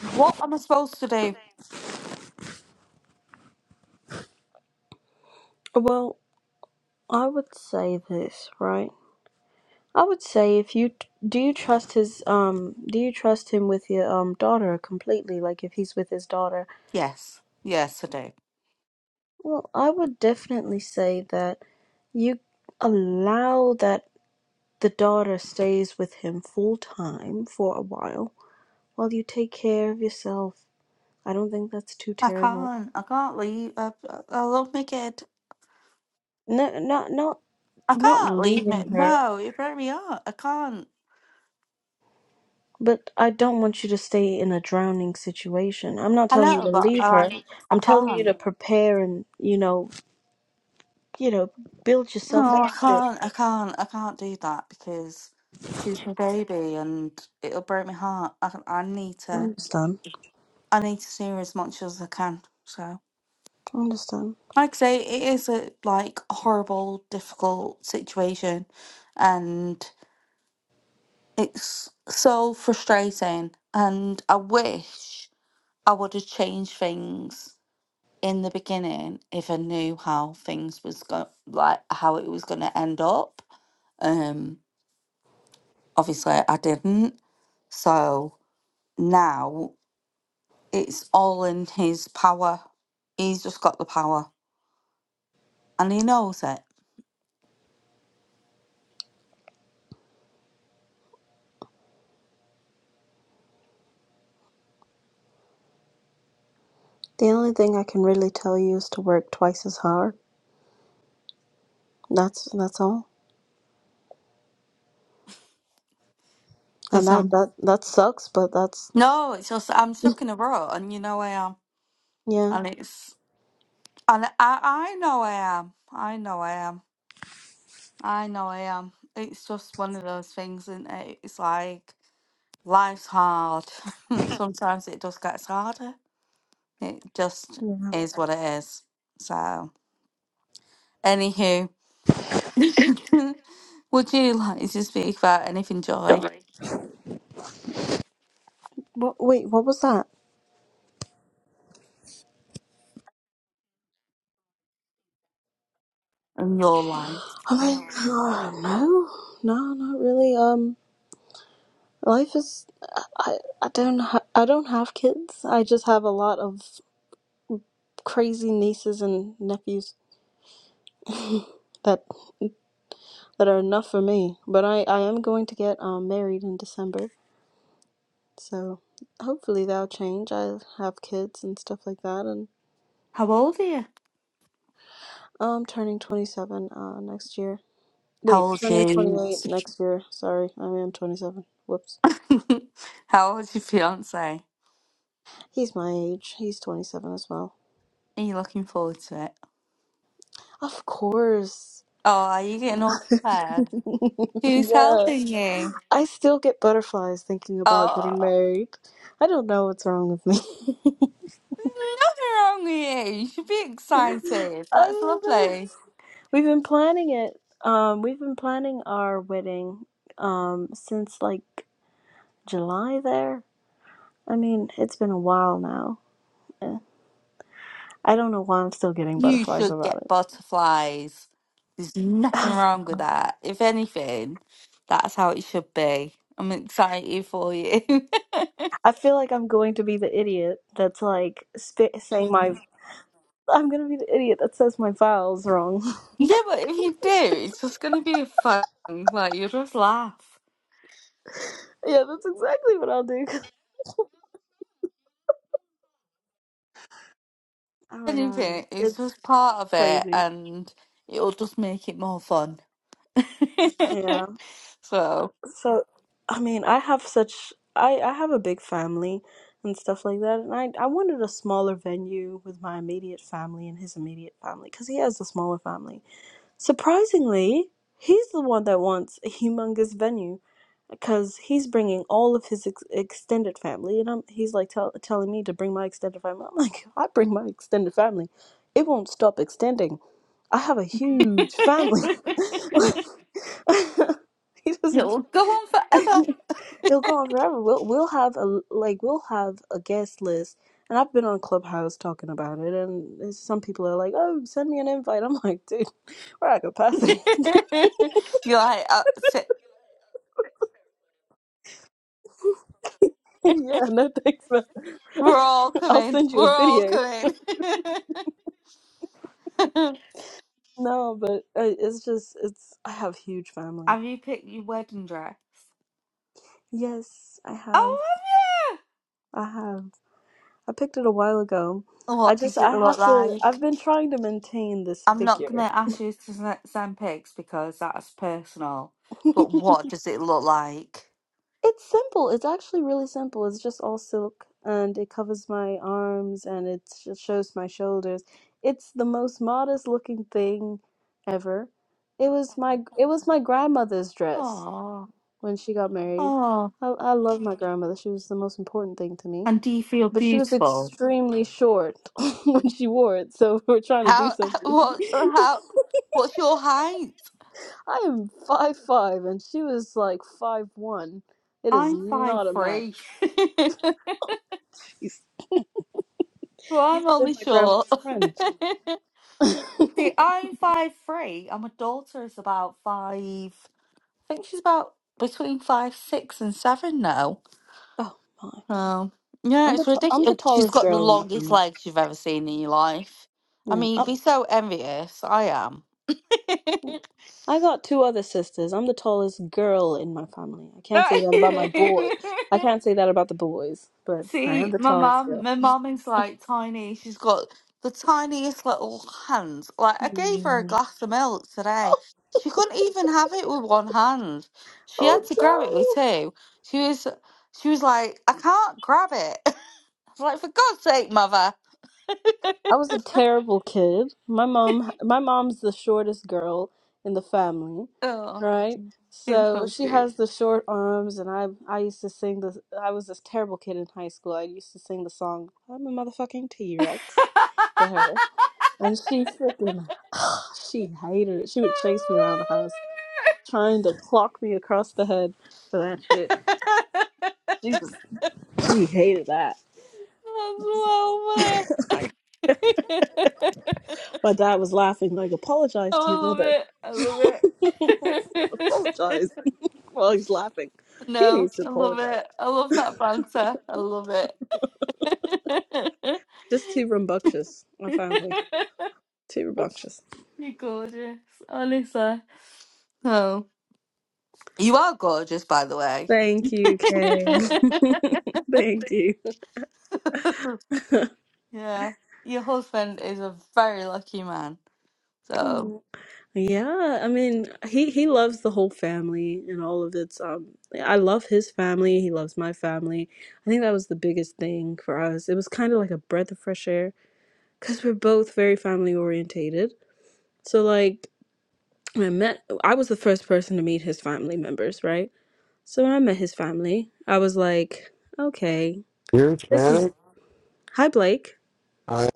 what am I supposed to do?
Well, I would say this, right? I would say if you do you trust his um do you trust him with your um daughter completely like if he's with his daughter?
Yes, yes, I do.
Well, I would definitely say that you allow that the daughter stays with him full time for a while while you take care of yourself. I don't think that's too
I
terrible.
can't. I can't leave. I, I I love my kid.
No, not not
I
not
can't leave
leaving
it.
her
No, it broke me up. I can't.
But I don't want you to stay in a drowning situation. I'm not
I
telling you
know,
to
but
leave her.
I, I
I'm telling you
can't.
to prepare and, you know, you know, build yourself up
No, I
to it.
can't. I can't. I can't do that because she's my baby, and it'll break my heart. I, I need
I
to.
understand.
I need to see her as much as I can. So,
I understand.
like I say, it is a like horrible, difficult situation, and it's so frustrating. And I wish I would have changed things in the beginning if I knew how things was going, like how it was going to end up. Um Obviously, I didn't. So now it's all in his power. He's just got the power and he knows it.
The only thing I can really tell you is to work twice as hard. That's that's all. And
Because
that
I'm,
that that sucks, but that's
no, it's just, I'm stuck in a rut and you know I am.
yeah.
And it's, and I, I know I am. I know I am. I know I am. It's just one of those things, isn't it? It's like life's hard. Sometimes it just gets harder. It just
Yeah.
is what it is. So, anywho. Would you like to speak about anything, Joy,
Sorry. What wait, what was that?
in your life?
I mean, uh, no. No, not really. Um life is I I don't ha- I don't have kids. I just have a lot of crazy nieces and nephews that that are enough for me. But I I am going to get um married in December, so hopefully that'll change. I have kids and stuff like that, and
How old are you?
I'm turning 27 uh next year.
How
Wait,
old are
turning
you?
28 next year. Sorry, I am 27. Whoops.
How old's your fiance?
He's my age. He's 27 as well.
Are you looking forward to it?
Of course.
Oh, are you getting all prepared? Who's
yeah.
helping you?
I still get butterflies thinking about getting
Oh,
married. I don't know what's wrong with me.
there's nothing wrong with you. You should be excited.
I
That's
don't know.
lovely.
We've been planning it. Um, we've been planning our wedding um since like July there. I mean, it's been a while now. Eh, I don't know why I'm still getting
You
butterflies
should get
about
butterflies. There's nothing
it.
wrong with that. If anything, that's how it should be. I'm excited for you.
I feel like I'm going to be the idiot that's like sp saying my I'm gonna be the idiot that says my vowels wrong.
Yeah, but if you do, it's just going to be fun. Like, you'll just laugh.
Yeah, that's exactly what I'll do. Oh my God,
Anything, it's
it's
just part of it,
crazy.
and it'll just make it more fun.
Yeah.
so,
So, I mean, I have such I I have a big family and stuff like that, and I I wanted a smaller venue with my immediate family and his immediate family because he has a smaller family. Surprisingly, he's the one that wants a humongous venue because he's bringing all of his ex extended family, and I'm he's like tell, telling me to bring my extended family. I'm like, I bring my extended family, it won't stop extending. I have a huge family. he doesn't.
it'll go on
care.
forever.
It'll go on forever. We'll we'll have a like we'll have a guest list, and I've been on Clubhouse talking about it, and it's- some people are like, "Oh, send me an invite." I'm like, "Dude, we're at capacity."
You're like, uh, sit-
yeah, no thanks, man.
we're all
I'll
coming.
send you a
We're all
video.
coming.
No, but uh, it's just it's. I have huge family.
have you picked your wedding dress?
Yes, I have.
Oh, have you?
I have. I picked it a while ago. I
What
just
does it
I
look
have to.
like?
I've been trying to maintain this
I'm not going
figure.
to ask you to s- send pics because that's personal. But what does it look like?
It's simple. It's actually really simple. It's just all silk and it covers my arms and it sh- shows my shoulders. It's the most modest looking thing ever. It was my it was my grandmother's dress
Oh,
when she got married.
oh.
I, I love my grandmother. She was the most important thing to me.
And do you feel
But she was
beautiful?
extremely short when she wore it, so we're trying to do
How?
something.
What? How? What's your height?
I am five five and she was like five one. It is
I'm five
not a match.
three. well, I'm
You've been
only
my
short.
grandma's friend. oh
See, I'm five three, and my daughter is about five. I think she's about between five six and seven now.
my!
Oh, yeah,
I'm the
it's
t- I'm the
ridiculous. She's
tallest
got the
girl in my
longest
family.
legs you've ever seen in your life. I
Yeah.
mean,
I
you'd be so envious. I am.
I got two other sisters. I'm the tallest girl in my family. I can't say that about my boy. I can't say that about the boys, but I am
See,
the
my
tallest
mum,
girl.
my mum is like tiny. She's got the tiniest little hands. Like, I gave her a
Mm.
glass of milk today. She couldn't even have it with one hand. She
Oh
had to grab it
no!
with two. She was, she was like, I can't grab it. I was like, for God's sake, mother.
I was a terrible kid. My mom, my mom's the shortest girl in the family,
Oh,
right?
it's
So
so
she
cute.
has the short arms, and I, I used to sing the. I was this terrible kid in high school. I used to sing the song "I'm a motherfucking T Rex" to her, and she freaking, she hated it. She would chase me around the house, trying to clock me across the head for that shit. She was, she hated that. My dad was laughing, like, apologize
Oh,
to
I
your
love
mother.
it. I love it.
apologize while he's laughing. He
no,
needs to
I love
apologize.
it. I love that banter. I love it.
Just too rambunctious, my family. Too rambunctious.
You're gorgeous, honestly. Oh, you are gorgeous, by the way.
Thank you, Kay. Thank you.
yeah, your husband is a very lucky man. So
Oh. Yeah, I mean, he he loves the whole family and all of its um I love his family, he loves my family. I think that was the biggest thing for us. It was kind of like a breath of fresh air because we're both very family orientated. So like I met I was the first person to meet his family members, right? So when I met his family, I was like, okay,
You're
this is
Hispanic?
hi Blake.
Hi,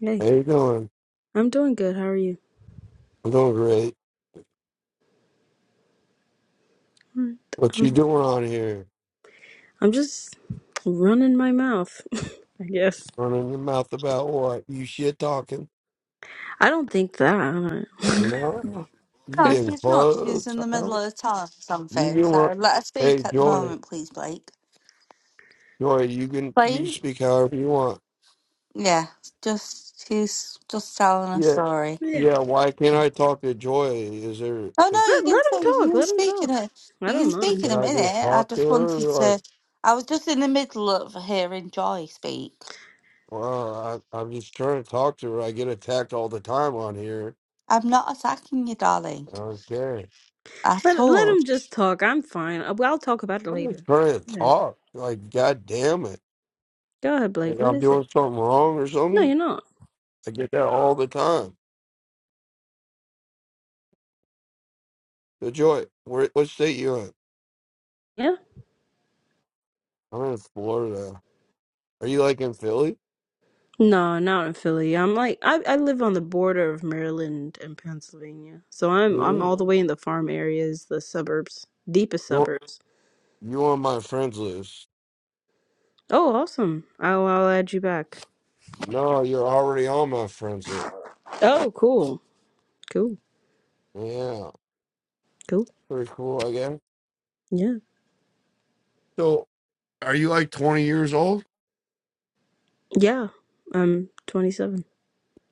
Hey,
how you doing?
I'm doing good. How are you?
I'm doing great.
"All right,
What you
Um,
doing on here?
I'm just running my mouth, I guess.
Running your mouth about what? You shit talking?
I don't think that. I don't know.
No. You
no,
getting
she's not.
close?
She's in the
I
middle
don't.
of telling
You
something.
can run.
So let her speak
Hey,
at the
Joy,
moment, please, Blake.
Joy, you can you
Blake?
can speak however you want.
Yeah, just she's just telling a
Yeah,
story.
yeah,
yeah. Why can't I talk to Joy? Is there
Oh
like,
no, you
let, let
can
him
say you
talk.
can
Let him
speak in
talk.
a
I
you
don't
can speak
mind.
in
can
a
I just
minute. I
talk to
just
her?
wanted
Like,
to. I was just in the middle of hearing Joy speak.
well, I, I'm just trying to talk to her. I get attacked all the time on here.
I'm not attacking you, darling,
Okay,
at
Let let
all.
him just talk. I'm fine. I'll, I'll talk about it
I'm just
later.
trying to
Yeah.
talk. Like, goddamn
Go ahead, Blake.
Like
What
I'm
is it?
doing something wrong or
No, you're
something.
not.
I get that all the time. So Joy, where what state you in?
Yeah.
I'm in Florida. Are you like in Philly?
No, not in Philly. I'm like I, I live on the border of Maryland and Pennsylvania. So I'm I'm
Really?
all the way in the farm areas, the suburbs, deepest
You're
suburbs.
you on my friends list.
Oh, awesome. I'll I'll add you back.
No, you're already on my friends list.
Oh, cool. Cool.
Yeah.
Cool.
Pretty cool, I guess.
Yeah.
So are you like twenty years old?
Yeah. I'm 27.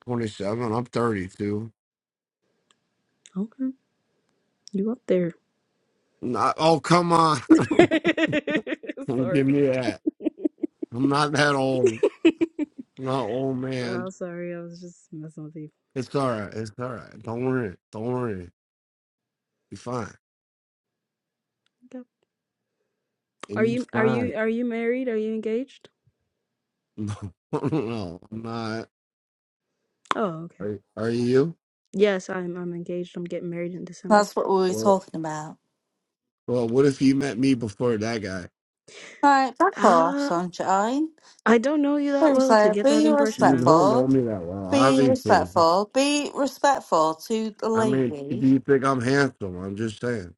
Twenty seven. I'm thirty two.
Okay. You up there.
Not oh come on. Don't give
Sorry.
me that. I'm not that old. I'm not old man.
Oh, sorry. I was just messing with you.
It's all right. It's all right. Don't worry. Don't worry. Be fine.
Okay. Are
and you
you are you
fine.
are you married? Are you engaged?
No, no, I'm not.
Oh, okay.
Are, are you?
Yes, I'm I'm engaged. I'm getting married in December.
That's what we were
Well,
talking about.
well, what if you met me before that guy?
Right, back off,
Uh,
sunshine.
I don't know you that well
Seriously,
to get that
be
impression,
You
man.
don't know
respectful.
me that well,
Be
obviously.
respectful. Be respectful to the
I mean, do
lady.
you think I'm handsome? I'm just saying.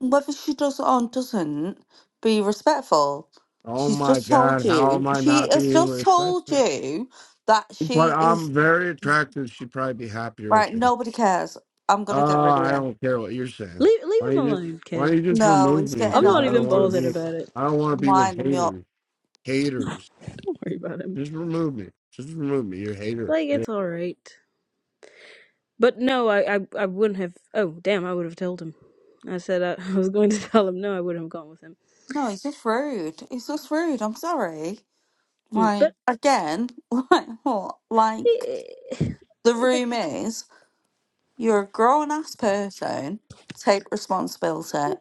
Whether she does it or doesn't, be respectful.
Oh
She's
my
just told
God, how
you.
am I
She
not
has
being
just told
respectful?
you that she
But
is
I'm very attractive. She'd probably be happier with
right.
me.
Nobody cares. I'm gonna get
Oh,
rid of
I
you.
don't care what you're saying.
Leave leave
Why
him
don't you just
alone,
Why
Kay.
don't you just
No,
remove
he's
me?
I'm
getting
Because
not
I
on.
even
he-
don't want to
bothered
be.
He's
about it.
I don't want to be with
winding me up.
haters. Haters.
Don't worry about him.
Just remove me. Just remove me. You're a hater.
Like
You're
it's all right. But no, I I, I wouldn't have. Oh damn, I would have told him. I said I, I was going to tell him. No, I wouldn't have gone with him.
No, he's just rude. He's just rude. I'm sorry.
Mm. But
Like again, like what? Like
eh, eh,
the
but
room is. You're a grown ass person. Take responsibility.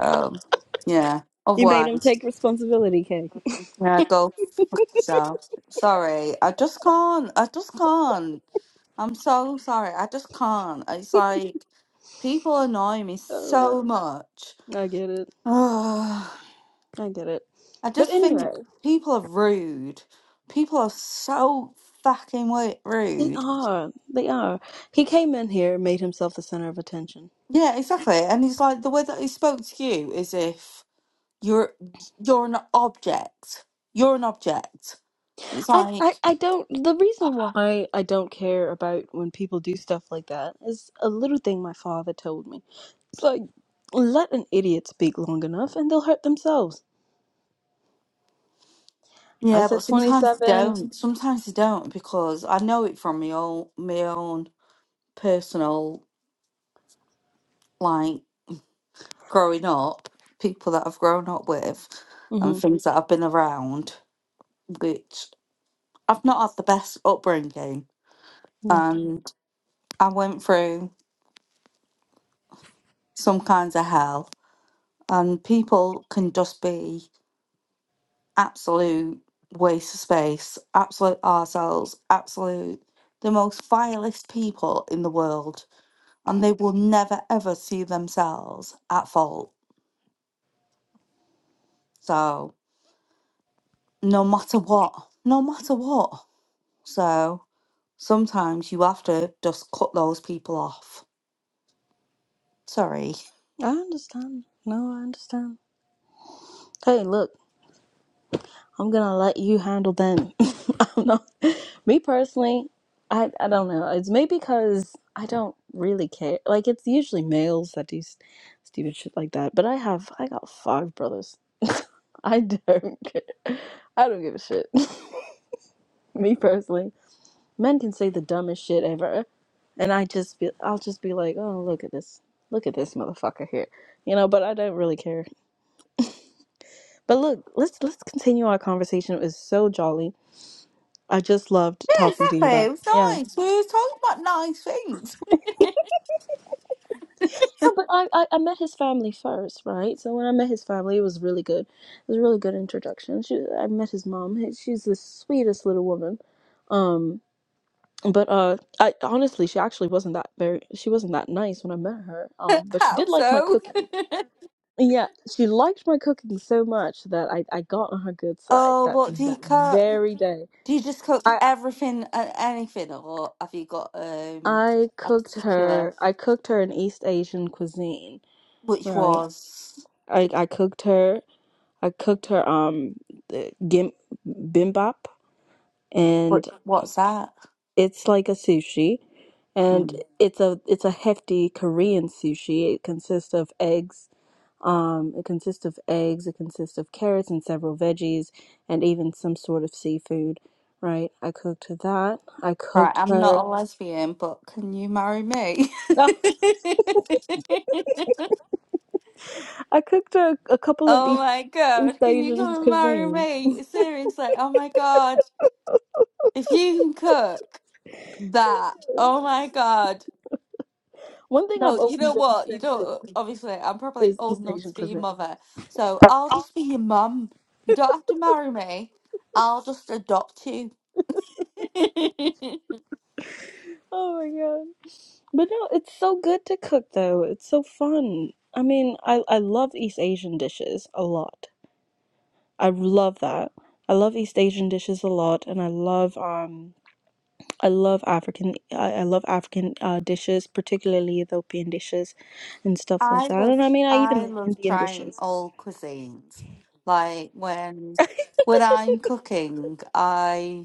Um, yeah.
you made him
Otherwise,
take responsibility, Kay.
yeah, go fuck yourself. Sorry, I just can't. I just can't. I'm so sorry. I just can't. It's like people annoy me
Oh
so
man,
much.
I get it.
Ugh.
I get it.
I
But
just
anyway,
think people are rude. People are so fucking wi-
they
rude.
are. They are. He came in here and made himself the center of attention.
Yeah, exactly. And it's like the way that he spoke to you is if You're you're an object. You're an object. It's
I, I
like
I don't. The reason why I don't care about when people do stuff like that is a little thing my father told me. It's like, let an idiot speak long enough and they'll hurt themselves. I
yeah,
said
but sometimes they
27.
don't. Sometimes they don't because I know it from my own my own personal like growing up, people that I've grown up with, and
hmm
things that I've been around, which I've not had the best upbringing,
Yeah.
and I went through some kinds of hell, and people can just be absolute waste of space, absolute ourselves, absolute the most vilest people in the world, and they will never ever see themselves at fault. So, no matter what, no matter what. So, sometimes you have to just cut those people off. Sorry.
I understand. No, I understand. Hey, look, I'm gonna let you handle them. I'm not. Me personally, I, I don't know. It's maybe because I don't really care. Like, it's usually males that do s- stupid shit like that, but I have, I got five brothers. I don't care. I don't give a shit. Me personally, men can say the dumbest shit ever, and I just be, I'll just be like, oh, look at this, look at this motherfucker here, you know. But I don't really care. But look, let's let's continue our conversation. It was so jolly. I just loved
Yeah,
talking to you
exactly.
about. It.
It was
Yeah.
nice. We were talking about nice things.
No, but I, I I met his family first, right? So when I met his family, it was really good. It was a really good introduction. She, I met his mom. She's the sweetest little woman. Um, but uh i honestly she actually wasn't that very she wasn't that nice when i met her um but she
How
did like my
so?
cooking yeah she liked my cooking so much that i i got on her good side
Oh,
that
what do you
that
cut?
very day
Do you just cook
i
everything, uh, anything, or have you got um
i
a
cooked
particular?
her i cooked her an east asian cuisine
Which
right
was
i i cooked her i cooked her um the gim, bimbap
what?
and
What's that?
it's like a sushi and
Mm.
it's a it's a hefty korean sushi it consists of eggs Um, it consists of eggs, it consists of carrots and several veggies, and even some sort of seafood, right? I cooked that. I
Right,
cooked
I'm
her.
not a lesbian, but can you marry me?
I cooked her a couple of
oh
East,
my
East
god, can you
Asian
come and marry
cuisines.
me? Seriously, oh my god, if you can cook that, oh my god,
One thing
No,
I've
you
always
know
been
what? You
obsessed with
don't. obviously, I'm probably
is
old
East
enough
Asian
to be your
cuisine.
mother, so I'll just be your mum. You don't have to marry me. I'll just adopt you.
Oh my God. But no, it's so good to cook though. It's so fun. I mean, I, I love East Asian dishes a lot. I love that. I love East Asian dishes a lot, and I love um. I love African. I, I love African uh, dishes, particularly Ethiopian dishes and stuff like
I
that.
love,
And I mean, I even
I
like
love
Indian
trying
dishes.
all cuisines. Like when, when I'm cooking, I.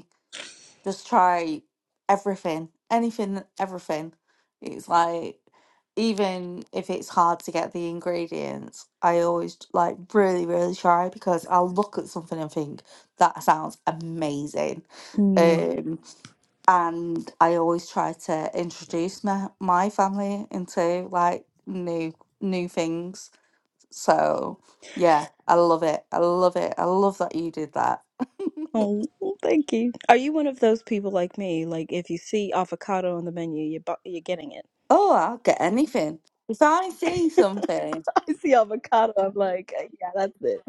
Just try everything, anything, everything. It's like, even if it's hard to get the ingredients, I always like really, really try because I'll look at something and think that sounds amazing.
Mm.
Um, and I always try to introduce my, my family into like new new things. So yeah, I love it. I love it. I love that you did that.
Oh, well, thank you. Are you one of those people like me? Like, if you see avocado on the menu, you're bu- you're getting it.
Oh, I'll get anything. If I see something,
I see avocado. I'm like, "Uh, yeah, that's it.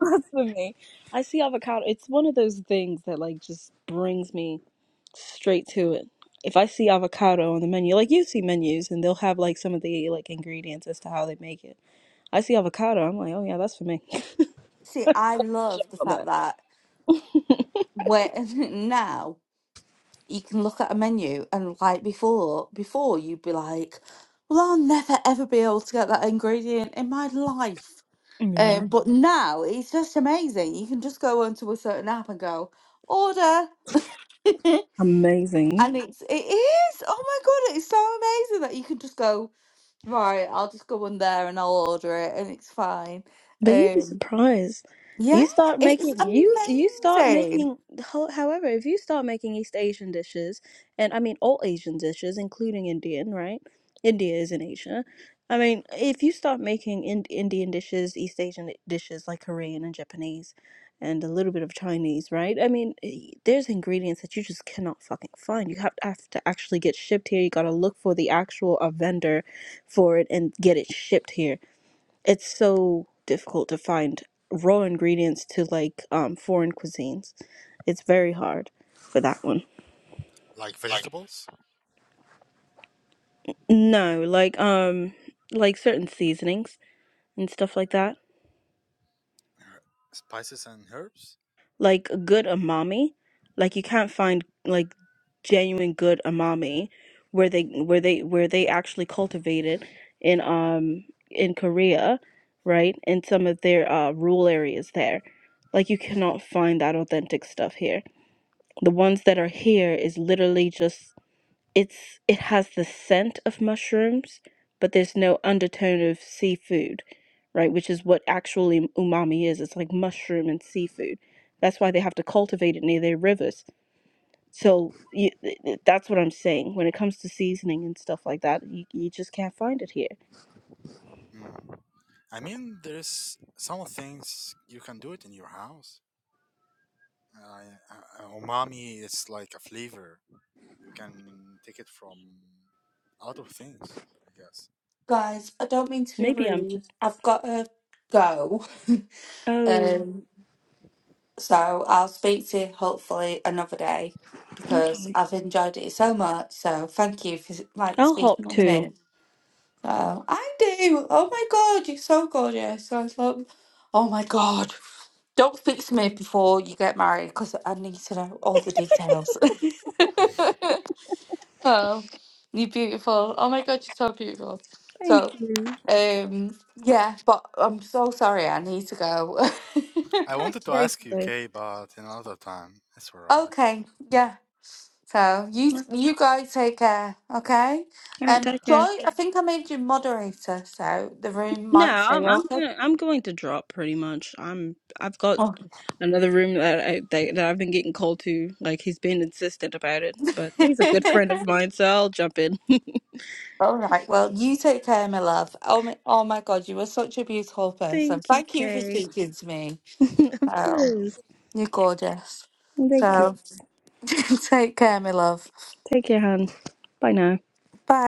That's for me. I see avocado. It's one of those things that like just brings me straight to it. If I see avocado on the menu, like you see menus, and they'll have like some of the like ingredients as to how they make it I see avocado. I'm like, oh yeah, that's for me.
see, I
Check
love the
on
fact
that.
that where now you can look at a menu and like before, before you'd be like, well, I'll never ever be able to get that ingredient in my life.
Yeah.
Um, but now it's just amazing. You can just go onto a certain app and go order, and
Amazing.
it's it is. Oh my god, it's so amazing that you can just go right. I'll just go on there and I'll order it, and it's fine.
But you'd be
Um,
surprised.
Yeah,
You start
it's
making you you start
amazing.
making ho- however, if you start making East Asian dishes, and I mean all Asian dishes, including Indian, right? India is in Asia. I mean, if you start making in- Indian dishes, East Asian dishes like Korean and Japanese, and a little bit of Chinese, right? I mean, eh, there's ingredients that you just cannot fucking find. You have to, have to actually get shipped here. You gotta look for the actual uh, vendor for it and get it shipped here it's so difficult to find raw ingredients to like um foreign cuisines. It's very hard for that one.
Like
Like
vegetables,
No, like um like certain seasonings and stuff like that.
er, spices, and herbs.
Like a good umami, like you can't find like genuine good umami where they where they where they actually cultivate it in um in Korea, right? In some of their uh rural areas there. Like you cannot find that authentic stuff here. The ones that are here is literally just it's it has the scent of mushrooms, but there's no undertone of seafood, right? Which is what actually umami is. It's like mushroom and seafood. That's why they have to cultivate it near their rivers. So you, th- th- that's what I'm saying. When it comes to seasoning and stuff like that, you, you just can't find it here.
Mm. I mean, there's some things you can do it in your house. Uh, uh, umami is like a flavor. You can take it from out of things, I guess.
Guys, I don't mean to be
Maybe I'm
rude.
just.
I've got to go.
Oh,
Um, so I'll speak to you hopefully another day because
okay.
I've enjoyed it so much. So thank you for like
I'll hop
speaking on
too.
me. So I do. Oh my God, you're so gorgeous. I was like, oh my God. Don't speak to me before you get married because I need to know all the details. Oh, you're beautiful. Oh my God, you're so beautiful.
Thank
So,
you.
um, yeah, but I'm so sorry. I need to go.
I wanted to
Okay.
ask you, Kay, but another time. That's alright.
Okay, yeah. So you
All
you guys take care, okay?
right,
Um,
take
Okay.
care.
Joy, I think I made you moderator, so the room
No,
might stay
I'm I'm
open.
gonna I'm going to drop pretty much. I'm I've got
Oh.
another room that I that, that I've been getting called to. Like he's been insistent about it, but he's a good friend of mine, so I'll jump in.
All right. Well, you take care, my love. Oh my, oh my God, you are such a beautiful person.
Thank you,
Thank you for
Kay.
speaking to me.
of
Oh,
course.
you're gorgeous.
Thank you.
So. Take care, my love.
Take care, hon. Bye now.
Bye.